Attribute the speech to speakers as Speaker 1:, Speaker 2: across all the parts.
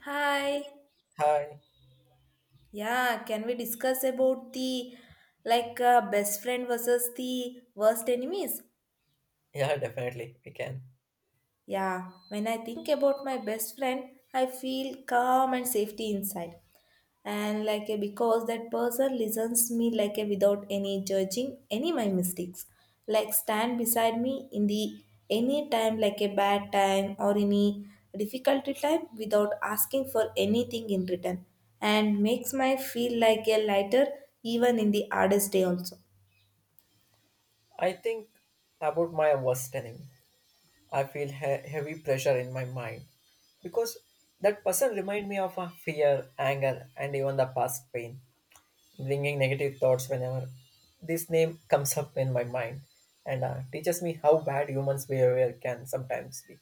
Speaker 1: Hi.
Speaker 2: Hi.
Speaker 1: Yeah, can we discuss about the best friend versus the worst enemies?
Speaker 2: Yeah, definitely. We can.
Speaker 1: Yeah, when I think about my best friend, I feel calm and safety inside, and like a because that person listens me like a without any judging any my mistakes, like stand beside me in the any time like a bad time or any difficulty time without asking for anything in return, and makes my feel like a lighter even in the hardest day also.
Speaker 2: I think about my worst enemy. I feel heavy pressure in my mind because that person remind me of a fear, anger, and even the past pain, bringing negative thoughts whenever this name comes up in my mind, and teaches me how bad humans' behavior can sometimes be.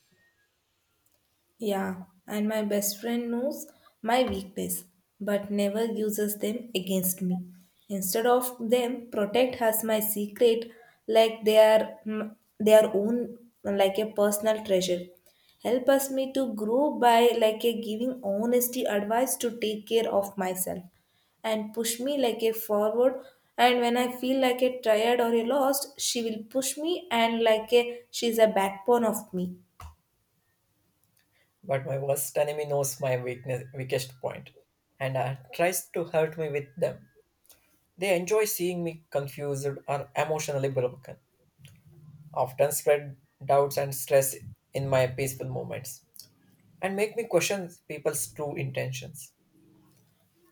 Speaker 1: Yeah, and my best friend knows my weakness but never uses them against me. Instead of them, protect has my secret like they are their own like a personal treasure. Help us me to grow by like a giving honesty advice to take care of myself and push me like a forward, and when I feel like a tired or a lost, she will push me and like a she's a backbone of me.
Speaker 2: But my worst enemy knows my weakness, weakest point, and tries to hurt me with them. They enjoy seeing me confused or emotionally broken, often spread doubts and stress in my peaceful moments, and make me question people's true intentions.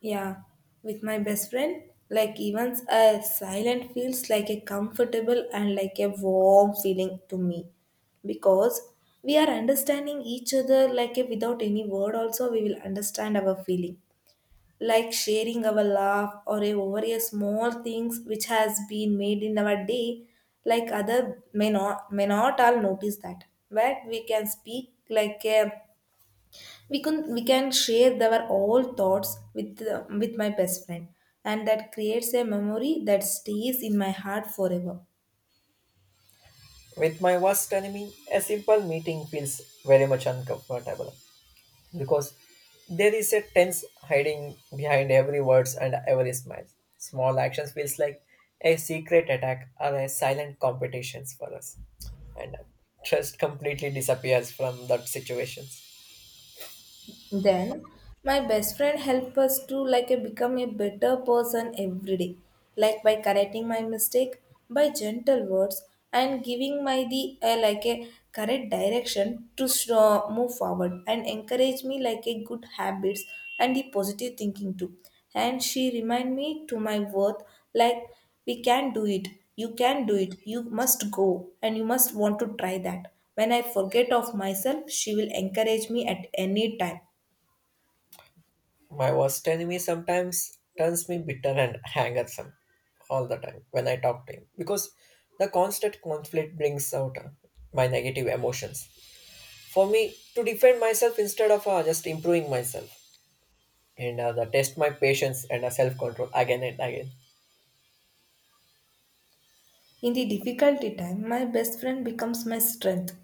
Speaker 1: Yeah, with my best friend, like even a silent feels like a comfortable and like a warm feeling to me, because we are understanding each other like a, without any word also we will understand our feeling, like sharing our laugh or a, over a small things which has been made in our day, like other may not all notice that, but we can speak like a we can share our all thoughts with my best friend, and that creates a memory that stays in my heart forever.
Speaker 2: With my worst enemy, a simple meeting feels very much uncomfortable because there is a tense hiding behind every words and every smile. Small actions feels like a secret attack or a silent competitions for us, and trust completely disappears from that situations.
Speaker 1: Then my best friend helped us to like a, become a better person every day, like by correcting my mistake, by gentle words, and giving my the like a correct direction to show, move forward and encourage me like a good habits and the positive thinking too. And she remind me to my worth, like we can do it, you can do it, you must go and you must want to try that, when I forget of myself she will encourage me at any time.
Speaker 2: My worst enemy sometimes turns me bitter and hangersome all the time when I talk to him because the constant conflict brings out my negative emotions. For me to defend myself instead of just improving myself and the test my patience and self control again and again.
Speaker 1: In the difficulty time, my best friend becomes my strength.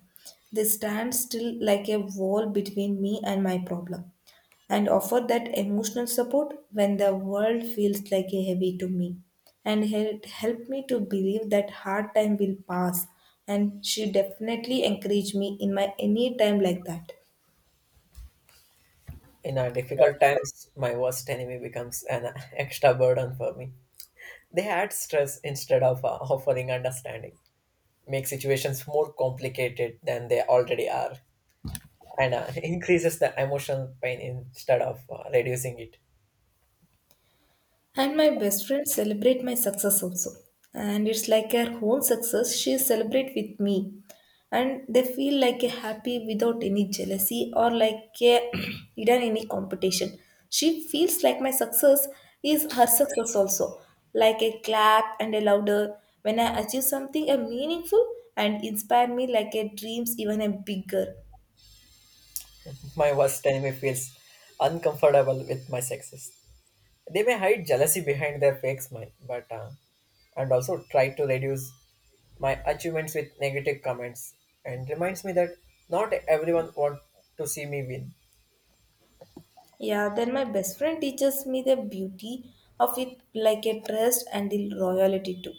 Speaker 1: They stand still like a wall between me and my problem and offer that emotional support when the world feels like a heavy to me, and help me to believe that hard time will pass, and she definitely encourage me in my any time like that.
Speaker 2: In our difficult times, my worst enemy becomes an extra burden for me. They add stress instead of offering understanding. Make situations more complicated than they already are and increases the emotional pain instead of reducing it.
Speaker 1: And my best friend celebrate my success also. And it's like her own success, she celebrate with me. And they feel like a happy without any jealousy or like a hidden any competition. She feels like my success is her success also. Like a clap and a louder when I achieve something a meaningful and inspire me like a dreams even a bigger.
Speaker 2: My worst enemy feels uncomfortable with my success. They may hide jealousy behind their fake smile, but and also try to reduce my achievements with negative comments and reminds me that not everyone wants to see me win.
Speaker 1: Yeah, then my best friend teaches me the beauty of it like a trust and the royalty too.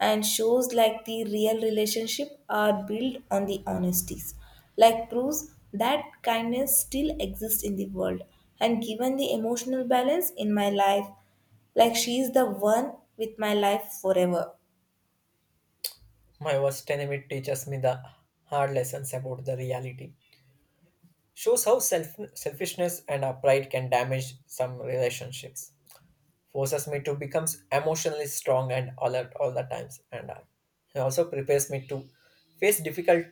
Speaker 1: And shows like the real relationship are built on the honesties. Like proves that kindness still exists in the world. And given the emotional balance in my life, like she is the one with my life forever.
Speaker 2: My worst enemy teaches me the hard lessons about the reality, shows how selfishness and our pride can damage some relationships. Forces me to become emotionally strong and alert all the times, and it also prepares me to face difficult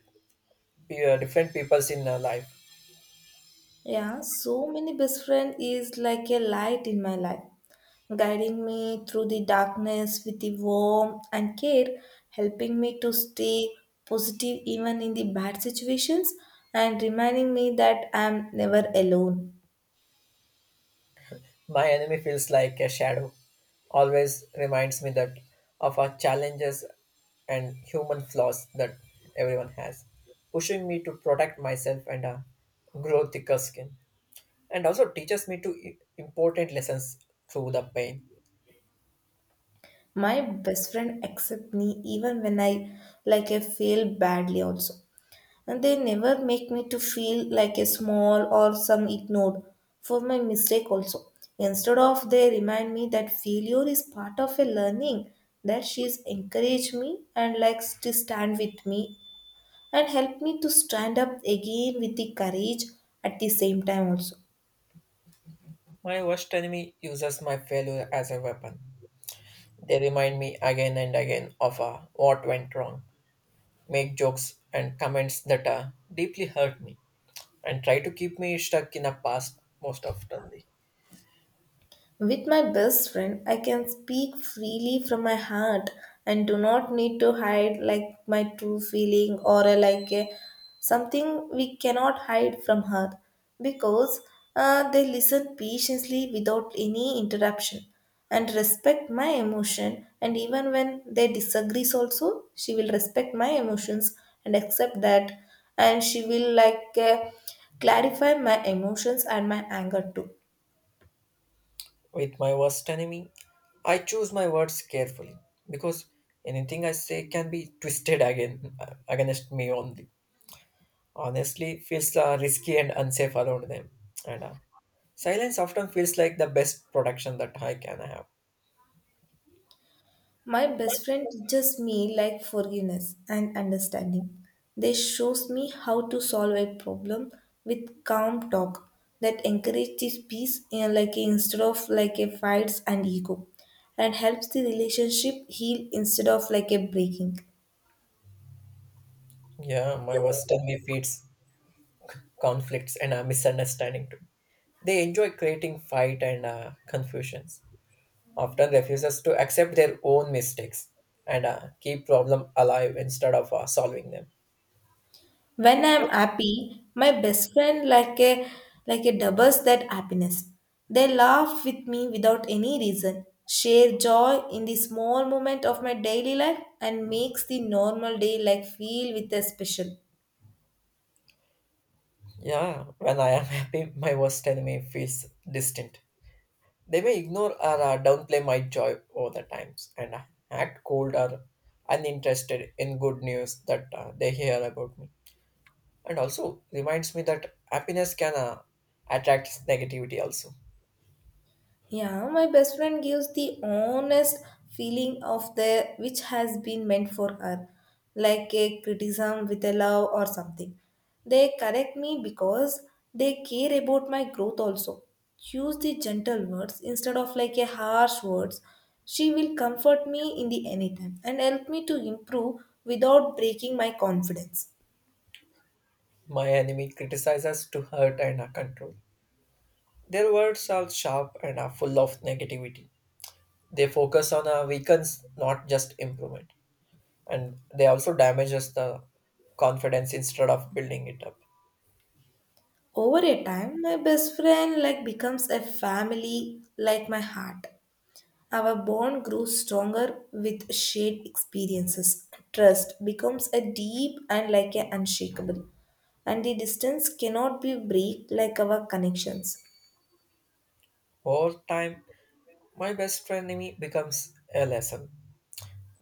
Speaker 2: different peoples in life.
Speaker 1: Yeah, so many best friend is like a light in my life, guiding me through the darkness with the warmth and care, helping me to stay positive even in the bad situations, and reminding me that I am never alone.
Speaker 2: My enemy feels like a shadow. Always reminds me that of our challenges and human flaws that everyone has, pushing me to protect myself and grow thicker skin, and also teaches me to important lessons through the pain.
Speaker 1: My best friend accept me even when I like I fail badly also, and they never make me to feel like a small or some ignored for my mistake also. Instead of they remind me that failure is part of a learning, that she's encouraged me and likes to stand with me and help me to stand up again with the courage at the same time also.
Speaker 2: My worst enemy uses my failure as a weapon. They remind me again and again of what went wrong, make jokes and comments that deeply hurt me, and try to keep me stuck in the past most often.
Speaker 1: With my best friend, I can speak freely from my heart and do not need to hide like my true feeling or something we cannot hide from her, because they listen patiently without any interruption and respect my emotion, and even when they disagrees also she will respect my emotions and accept that, and she will like clarify my emotions and my anger too.
Speaker 2: With my worst enemy, I choose my words carefully because anything I say can be twisted against me only. Honestly, feels risky and unsafe around them, and silence often feels like the best protection that I can have.
Speaker 1: My best friend teaches me like forgiveness and understanding. They shows me how to solve a problem with calm talk that encourages peace and like instead of like a fights and ego, and helps the relationship heal instead of like a breaking.
Speaker 2: Yeah, my worst enemy feeds conflicts and misunderstanding too. They enjoy creating fight and confusions. Often refuses to accept their own mistakes and keep problem alive instead of solving them.
Speaker 1: When I'm happy, my best friend like a doubles that happiness. They laugh with me without any reason, share joy in the small moment of my daily life and makes the normal day like feel with a special.
Speaker 2: Yeah, when I am happy, my worst enemy feels distant. They may ignore or downplay my joy all the times and act cold or uninterested in good news that they hear about me, and also reminds me that happiness can attract negativity also.
Speaker 1: Yeah, my best friend gives the honest feeling of the which has been meant for her, like a criticism with a love or something. They correct me because they care about my growth also. Use the gentle words instead of like a harsh words. She will comfort me in the anytime and help me to improve without breaking my confidence.
Speaker 2: My enemy criticizes to hurt and control. Their words are sharp and are full of negativity. They focus on our weakness, not just improvement, and they also damages the confidence instead of building it up.
Speaker 1: Over a time, my best friend like becomes a family like my heart. Our bond grows stronger with shared experiences. Trust becomes a deep and like a unshakable, and the distance cannot be break like our connections.
Speaker 2: Over time, my best enemy becomes a lesson.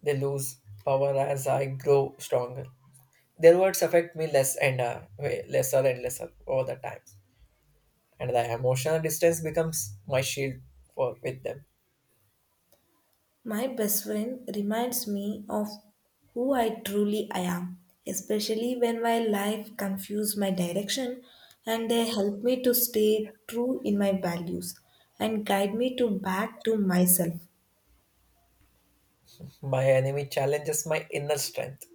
Speaker 2: They lose power as I grow stronger. Their words affect me less and lesser and lesser over the time, and the emotional distance becomes my shield for with them.
Speaker 1: My best friend reminds me of who I truly I am, especially when my life confuses my direction, and they help me to stay true in my values and guide me to back to myself.
Speaker 2: My enemy challenges my inner strength.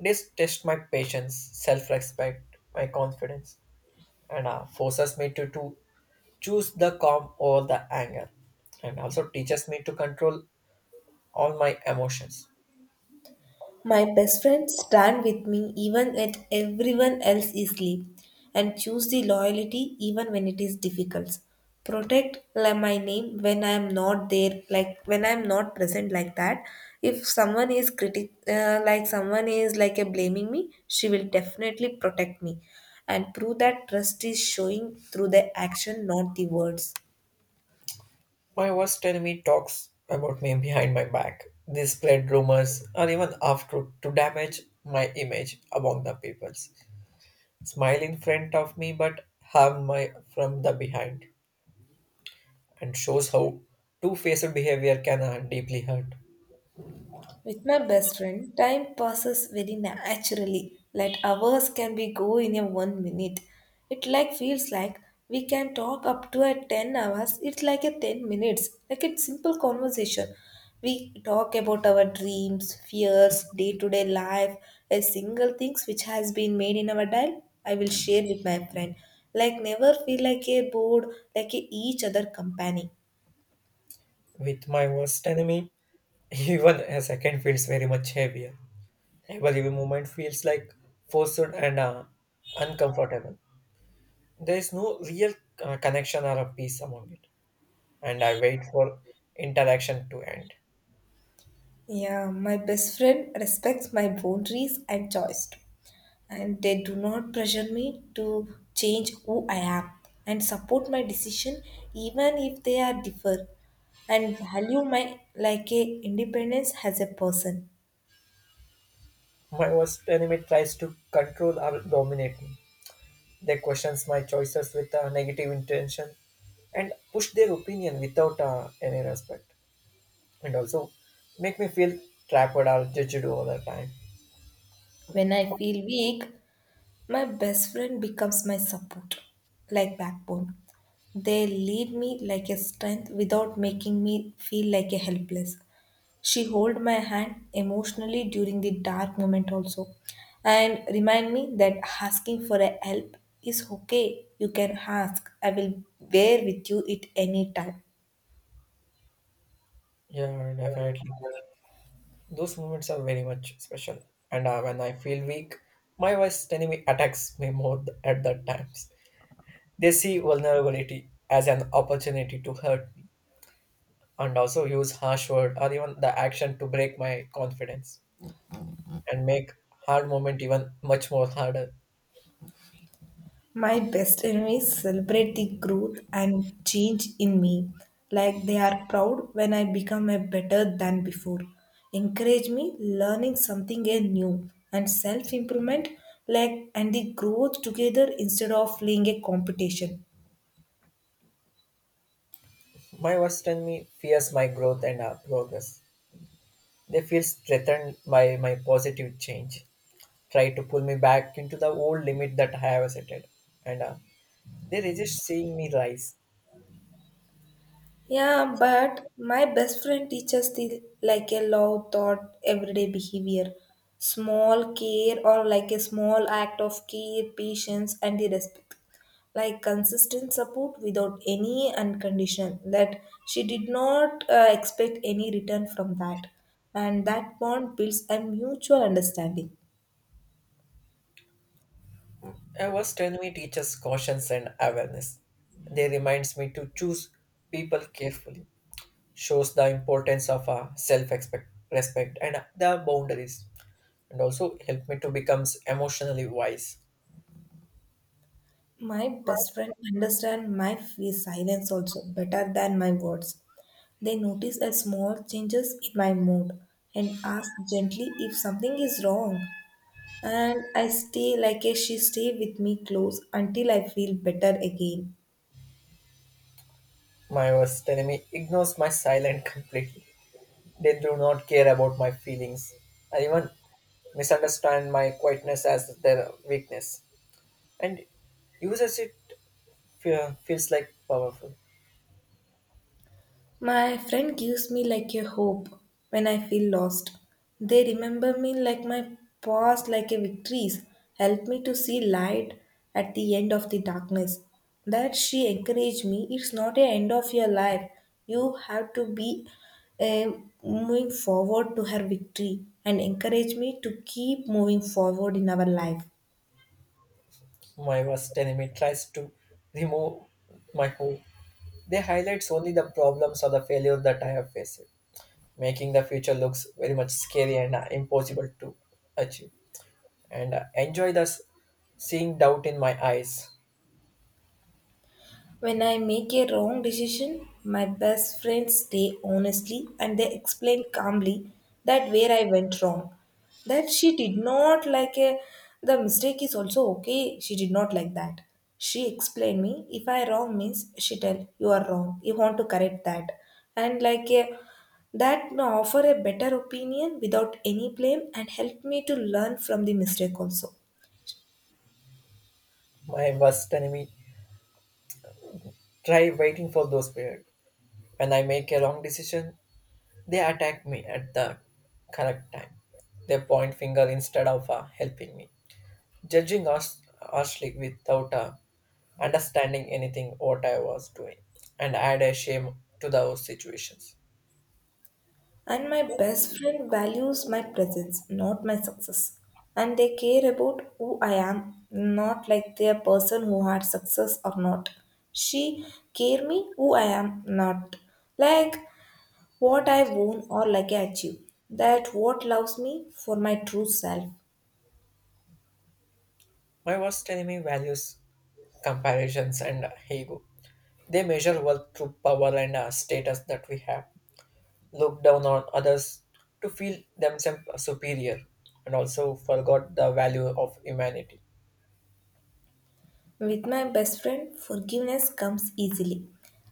Speaker 2: This tests my patience, self-respect, my confidence, and forces me to choose the calm over the anger, and also teaches me to control all my emotions.
Speaker 1: My best friends stand with me even when everyone else is asleep and choose the loyalty even when it is difficult. Protect like my name when I am not there, like when I am not present like that. If someone is like someone is like a blaming me, she will definitely protect me and prove that trust is showing through the action, not the words.
Speaker 2: My worst enemy talks about me behind my back. They spread rumors or even half truth to damage my image among the people. Smile in front of me but harm my from the behind, and shows how two-faced behavior can deeply hurt.
Speaker 1: With my best friend, time passes very naturally. Like hours can be go in a 1 minute. It like feels like we can talk up to a 10 hours. It's like a 10 minutes. Like a simple conversation. We talk about our dreams, fears, day-to-day life, a single things which has been made in our dial. I will share with my friend. Like never feel like a bored, like a each other company.
Speaker 2: With my worst enemy, even a second feels very much heavier. Every moment feels like forced and uncomfortable. There is no real connection or a peace among it, and I wait for interaction to end.
Speaker 1: Yeah, my best friend respects my boundaries and choice too. And they do not pressure me to change who I am and support my decision even if they are differ, and value my like a independence as a person.
Speaker 2: My worst enemy tries to control or dominate me. They questions my choices with a negative intention and push their opinion without any respect, and also make me feel trapped or judged all the time.
Speaker 1: When I feel weak, my best friend becomes my support, like backbone. They lead me like a strength without making me feel like a helpless. She hold my hand emotionally during the dark moment also, and remind me that asking for a help is okay. You can ask. I will bear with you at any time.
Speaker 2: Yeah, definitely. Those moments are very much special. And when I feel weak, my worst enemy attacks me more at that times. They see vulnerability as an opportunity to hurt me, and also use harsh word or even the action to break my confidence and make hard moment even much more harder.
Speaker 1: My best enemies celebrate the growth and change in me, like they are proud when I become a better than before. Encourage me learning something a new and self improvement, like and the growth together instead of playing a competition.
Speaker 2: My worst enemy fears my growth and progress. They feel threatened by my positive change, try to pull me back into the old limit that I have set, and they resist seeing me rise.
Speaker 1: Yeah, but my best friend teaches the like a love thought everyday behavior. Small care or like a small act of care, patience and the respect. Like consistent support without any unconditional that she did not expect any return from that. And that bond builds a mutual understanding.
Speaker 2: My worst enemy teaches caution and awareness. They reminds me to choose people carefully, shows the importance of self respect and the boundaries, and also help me to become emotionally wise.
Speaker 1: My best friend understand my silence also better than my words. They notice a small changes in my mood and ask gently if something is wrong. And I stay like a she stay with me close until I feel better again.
Speaker 2: My worst enemy ignores my silence completely. They do not care about my feelings and even misunderstand my quietness as their weakness and uses it, feels like powerful.
Speaker 1: My friend gives me like a hope when I feel lost. They remember me like my past, like a victories, help me to see light at the end of the darkness. That she encouraged me, it's not a end of your life. You have to be uh, moving forward to her victory and encourage me to keep moving forward in our life.
Speaker 2: My worst enemy tries to remove my hope. They highlights only the problems or the failure that I have faced, making the future looks very much scary and impossible to achieve. And enjoy seeing doubt in my eyes.
Speaker 1: When I make a wrong decision, my best friends stay honestly and they explain calmly that where I went wrong. That she did not like a the mistake is also okay. She did not like that. She explained me if I wrong means she tell you are wrong. You want to correct that. And like a that may offer a better opinion without any blame and help me to learn from the mistake also.
Speaker 2: My worst enemy try waiting for those period. When I make a wrong decision, they attack me at the correct time. They point finger instead of helping me, judging us harshly without understanding anything what I was doing, and add a shame to those situations.
Speaker 1: And my best friend values my presence, not my success. And they care about who I am, not like their person who had success or not. She care me who I am, not like what I won or like I achieve. That what loves me for my true self.
Speaker 2: My worst enemy values comparisons and ego. They measure wealth through power and status that we have, look down on others to feel themselves superior, and also forgot the value of humanity.
Speaker 1: With my best friend, forgiveness comes easily.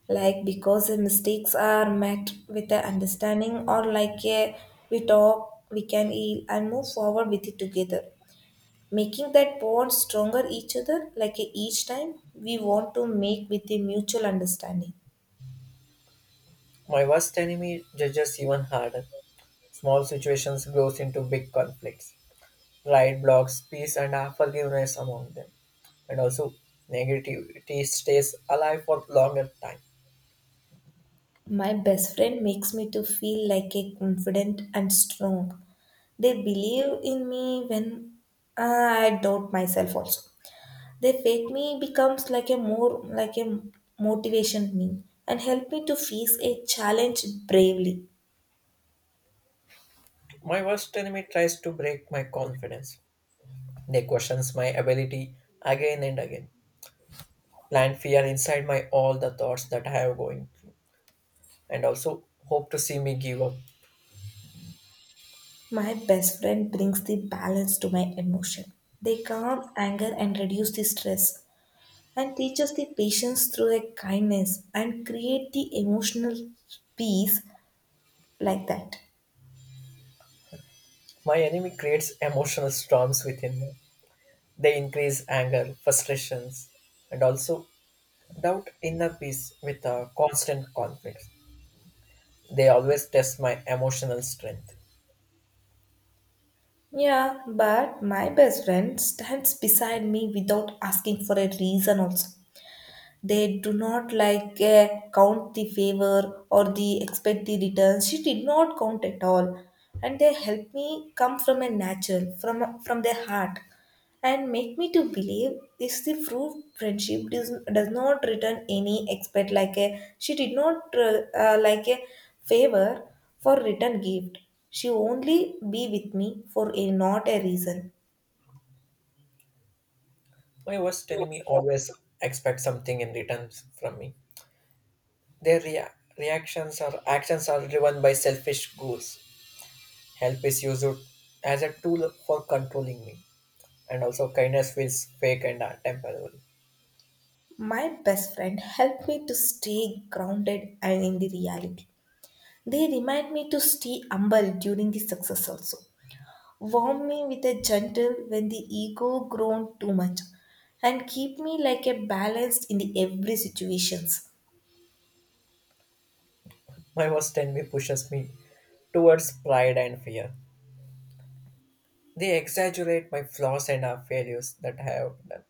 Speaker 1: Like because the mistakes are met with the understanding or like a we talk, we can heal and move forward with it together. Making that bond stronger each other like a each time we want to make with a mutual understanding.
Speaker 2: My worst enemy judges even harder. Small situations grows into big conflicts. Pride blocks peace and unforgiveness among them. And also negativity stays alive for longer time.
Speaker 1: My best friend makes me to feel like a confident and strong. They believe in me when I doubt myself also. They fed me becomes like a more like a motivation me and help me to face a challenge bravely.
Speaker 2: My worst enemy tries to break my confidence. They questions my ability again and again. Plant fear inside my all the thoughts that I have going, and also hope to see me give up.
Speaker 1: My best friend brings the balance to my emotion. They calm anger and reduce the stress and teach us the patience through a kindness and create the emotional peace like that.
Speaker 2: My enemy creates emotional storms within me. They increase anger, frustrations, and also doubt inner peace with a constant conflict. They always test my emotional strength.
Speaker 1: Yeah, but my best friend stands beside me without asking for a reason also. They do not like count the favor or the expect the return, she did not count at all, and they helped me come from a natural from their heart and make me to believe this the true friendship does not return any expect like a she did not like a favor for return gift, she only be with me for a not a reason.
Speaker 2: My worst enemy always expects something in return from me. Their rea- Reactions or actions are driven by selfish goals. Help is used as a tool for controlling me, and also kindness feels fake and temporary.
Speaker 1: My best friend helped me to stay grounded and in the reality. They remind me to stay humble during the success also. Warm me with a gentle when the ego grown too much and keep me like a balanced in the every situations.
Speaker 2: My worst enemy pushes me towards pride and fear. They exaggerate my flaws and our failures that I have done,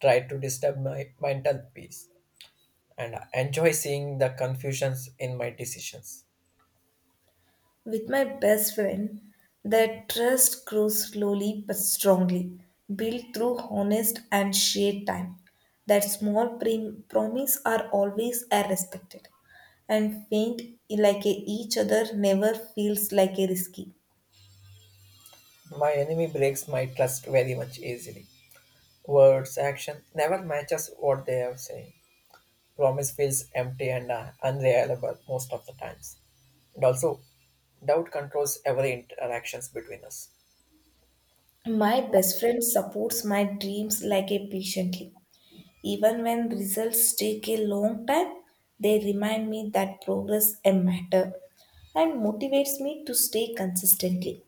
Speaker 2: try to disturb my mental peace, and I enjoy seeing the confusions in my decisions.
Speaker 1: With my best friend, the trust grows slowly but strongly, built through honest and shared time. That small promise are always are respected and faint like a each other never feels like a risky.
Speaker 2: My enemy breaks my trust very much easily. Words, action never matches what they are saying. Promise feels empty and unreliable most of the times. And also, doubt controls every interactions between us.
Speaker 1: My best friend supports my dreams like a patiently. Even when results take a long time, they remind me that progress a matter and motivates me to stay consistently.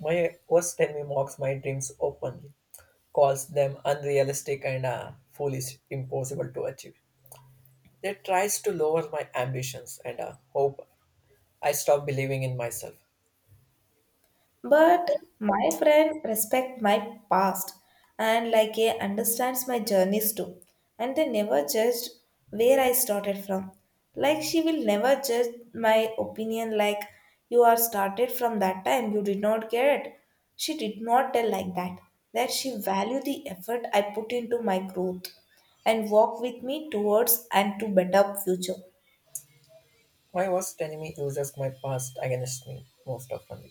Speaker 2: My worst enemy mocks my dreams openly, calls them unrealistic and foolish, impossible to achieve. They tries to lower my ambitions and hope I stop believing in myself.
Speaker 1: But my friend respect my past and like a understands my journeys too. And they never judged where I started from. Like she will never judge my opinion like you are started from that time, you did not get it. She did not tell like that. That she value the effort I put into my growth and walk with me towards and to better future.
Speaker 2: My worst enemy uses my past against me most often.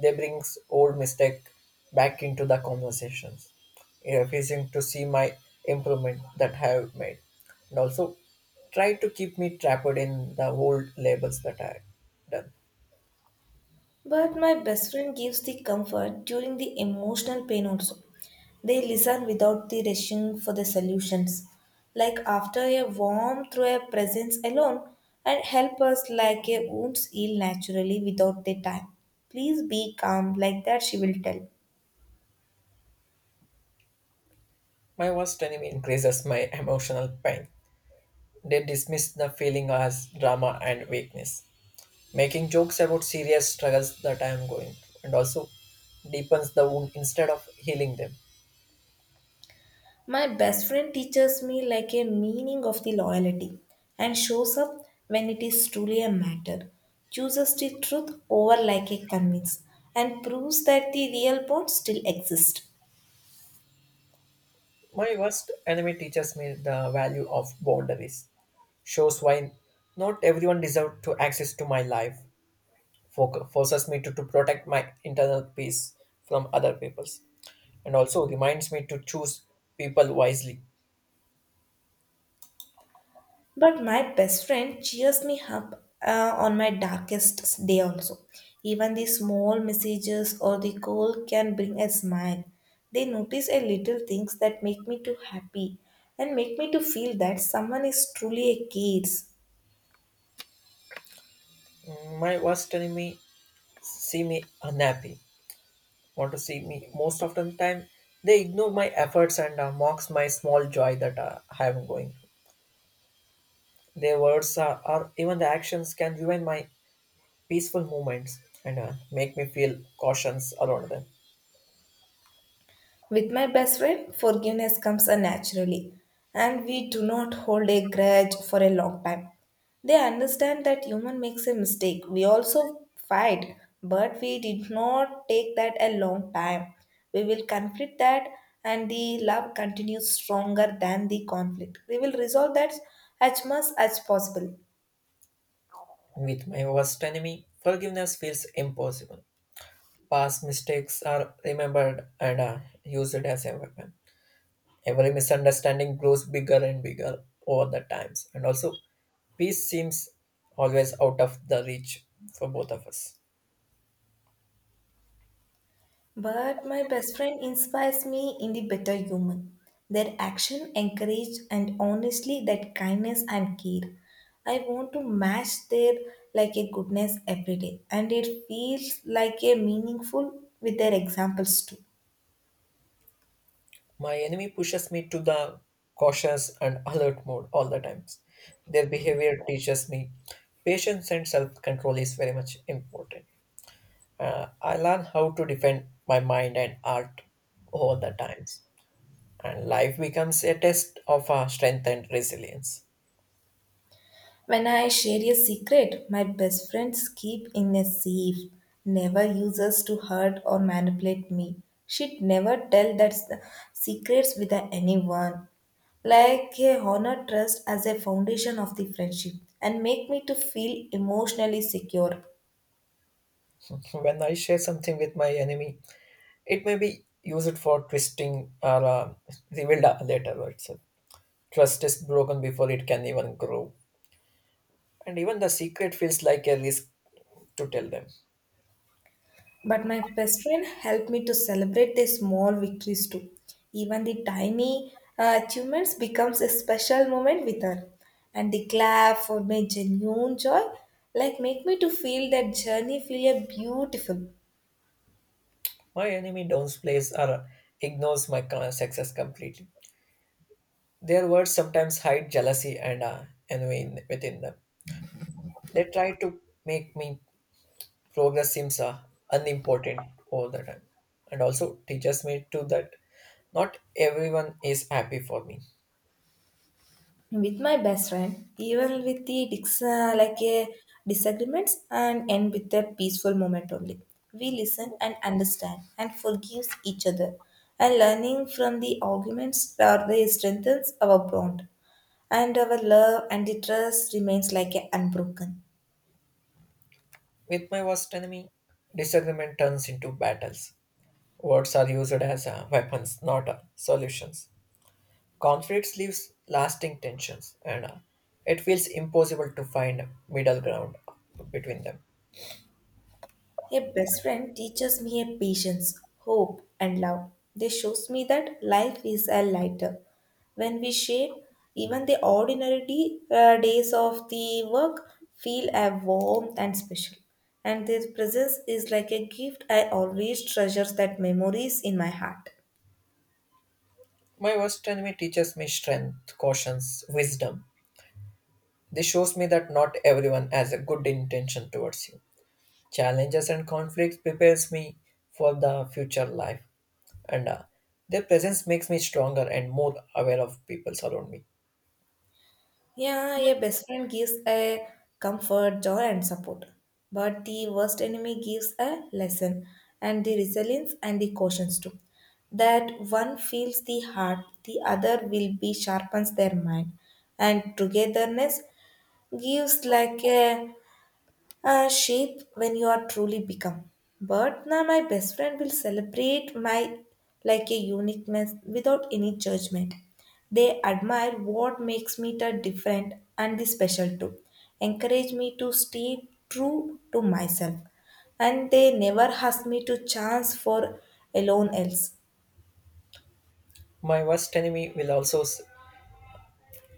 Speaker 2: They brings old mistake back into the conversations, refusing to see my improvement that I have made, and also try to keep me trapped in the old labels that I done.
Speaker 1: But my best friend gives the comfort during the emotional pain also. They listen without the rushing for the solutions. Like after a warm through a presence alone and help us like a wounds heal naturally without the time. Please be calm like that she will tell.
Speaker 2: My worst enemy increases my emotional pain. They dismiss the feeling as drama and weakness, making jokes about serious struggles that I am going through, and also deepens the wound instead of healing them.
Speaker 1: My best friend teaches me like a meaning of the loyalty and shows up when it is truly a matter, chooses the truth over like a convince, and proves that the real bonds still exist.
Speaker 2: My worst enemy teaches me the value of boundaries. Shows why not everyone deserves to access to my life. Forces me to protect my internal peace from other people's, and also reminds me to choose people wisely.
Speaker 1: But my best friend cheers me up on my darkest day also. Even the small messages or the call can bring a smile. They notice a little things that make me too happy and make me to feel that someone is truly a cares.
Speaker 2: Mm, my worst enemy see me unhappy, want to see me most of the time. They ignore my efforts and mocks my small joy that I am going. Their words are, or even the actions can ruin my peaceful moments, and make me feel cautions around them.
Speaker 1: With my best friend, forgiveness comes naturally, and we do not hold a grudge for a long time. They understand that human makes a mistake. We also fight, but we did not take that a long time. We will conflict that, and the love continues stronger than the conflict. We will resolve that as much as possible.
Speaker 2: With my worst enemy, forgiveness feels impossible. Past mistakes are remembered and are used as a weapon. Every misunderstanding grows bigger and bigger over the times, and also peace seems always out of the reach for both of us.
Speaker 1: But my best friend inspires me in the better human. Their action encouraged and honestly that kindness and care. I want to match their like a goodness every day and it feels like a meaningful with their examples too.
Speaker 2: My enemy pushes me to the cautious and alert mode all the times. Their behavior teaches me patience and self control is very much important. I learn how to defend my mind and art all the times, and life becomes a test of our strength and resilience.
Speaker 1: When I share a secret my best friends keep in a safe, never uses to hurt or manipulate me. She'd never tell that secrets with anyone. Like a honor trust as a foundation of the friendship and make me to feel emotionally secure.
Speaker 2: When I share something with my enemy, it may be used for twisting or revealed later. Words. Trust is broken before it can even grow, and even the secret feels like a risk to tell them.
Speaker 1: But my best friend helped me to celebrate the small victories too. Even the tiny achievements becomes a special moment with her. And the clap for my genuine joy, like make me to feel that journey feel a beautiful.
Speaker 2: My enemy downplays or ignores my success completely. Their words sometimes hide jealousy and envy within them. They try to make me progress seems unimportant all the time, and also teaches me too that not everyone is happy for me.
Speaker 1: With my best friend, even with the like a disagreements and end with a peaceful moment only. We listen and understand and forgive each other. And learning from the arguments or they strengthens our bond. And our love and the trust remains like a unbroken.
Speaker 2: With my worst enemy, disagreement turns into battles. Words are used as weapons, not solutions. Conflicts leaves lasting tensions, and it feels impossible to find middle ground between them.
Speaker 1: A best friend teaches me a patience, hope, and love. They shows me that life is a lighter when we share. Even the ordinary days of the work feel a warm and special. And their presence is like a gift. I always treasures that memories in my heart.
Speaker 2: My worst enemy teaches me strength, cautions, wisdom. This shows me that not everyone has a good intention towards you. Challenges and conflicts prepares me for the future life, and their presence makes me stronger and more aware of people around me.
Speaker 1: Yeah, a best friend gives a comfort, joy, and support. But the worst enemy gives a lesson and the resilience and the cautions too. That one feels the heart, the other will be sharpens their mind. And togetherness gives like a shape when you are truly become. But now my best friend will celebrate my like a uniqueness without any judgment. They admire what makes me the different and the special too. Encourage me to stay true to myself. And they never ask me to chance for alone else.
Speaker 2: My worst enemy will also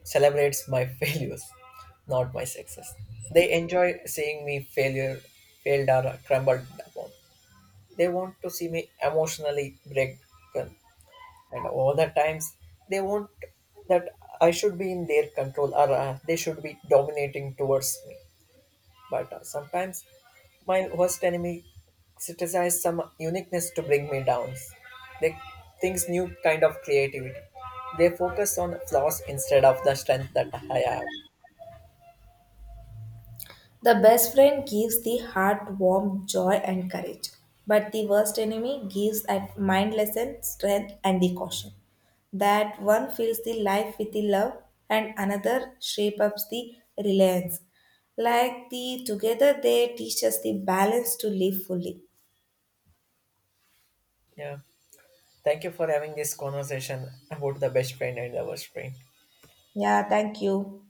Speaker 2: celebrates my failures, not my success. They enjoy seeing me failure, failed or crumbled upon. They want to see me emotionally breaken, and all the times they want that I should be in their control or they should be dominating towards me. But sometimes my worst enemy criticizes some uniqueness to bring me down. They thinks new kind of creativity. They focus on flaws instead of the strength that I have.
Speaker 1: The best friend gives the heart warmth, joy, and courage, but the worst enemy gives a mind lesson, strength, and the caution. That one fills the life with the love, and another shapes up the reliance. Like the together, they teach us the balance to live fully.
Speaker 2: Yeah. Thank you for having this conversation about the best friend and the worst friend.
Speaker 1: Yeah, thank you.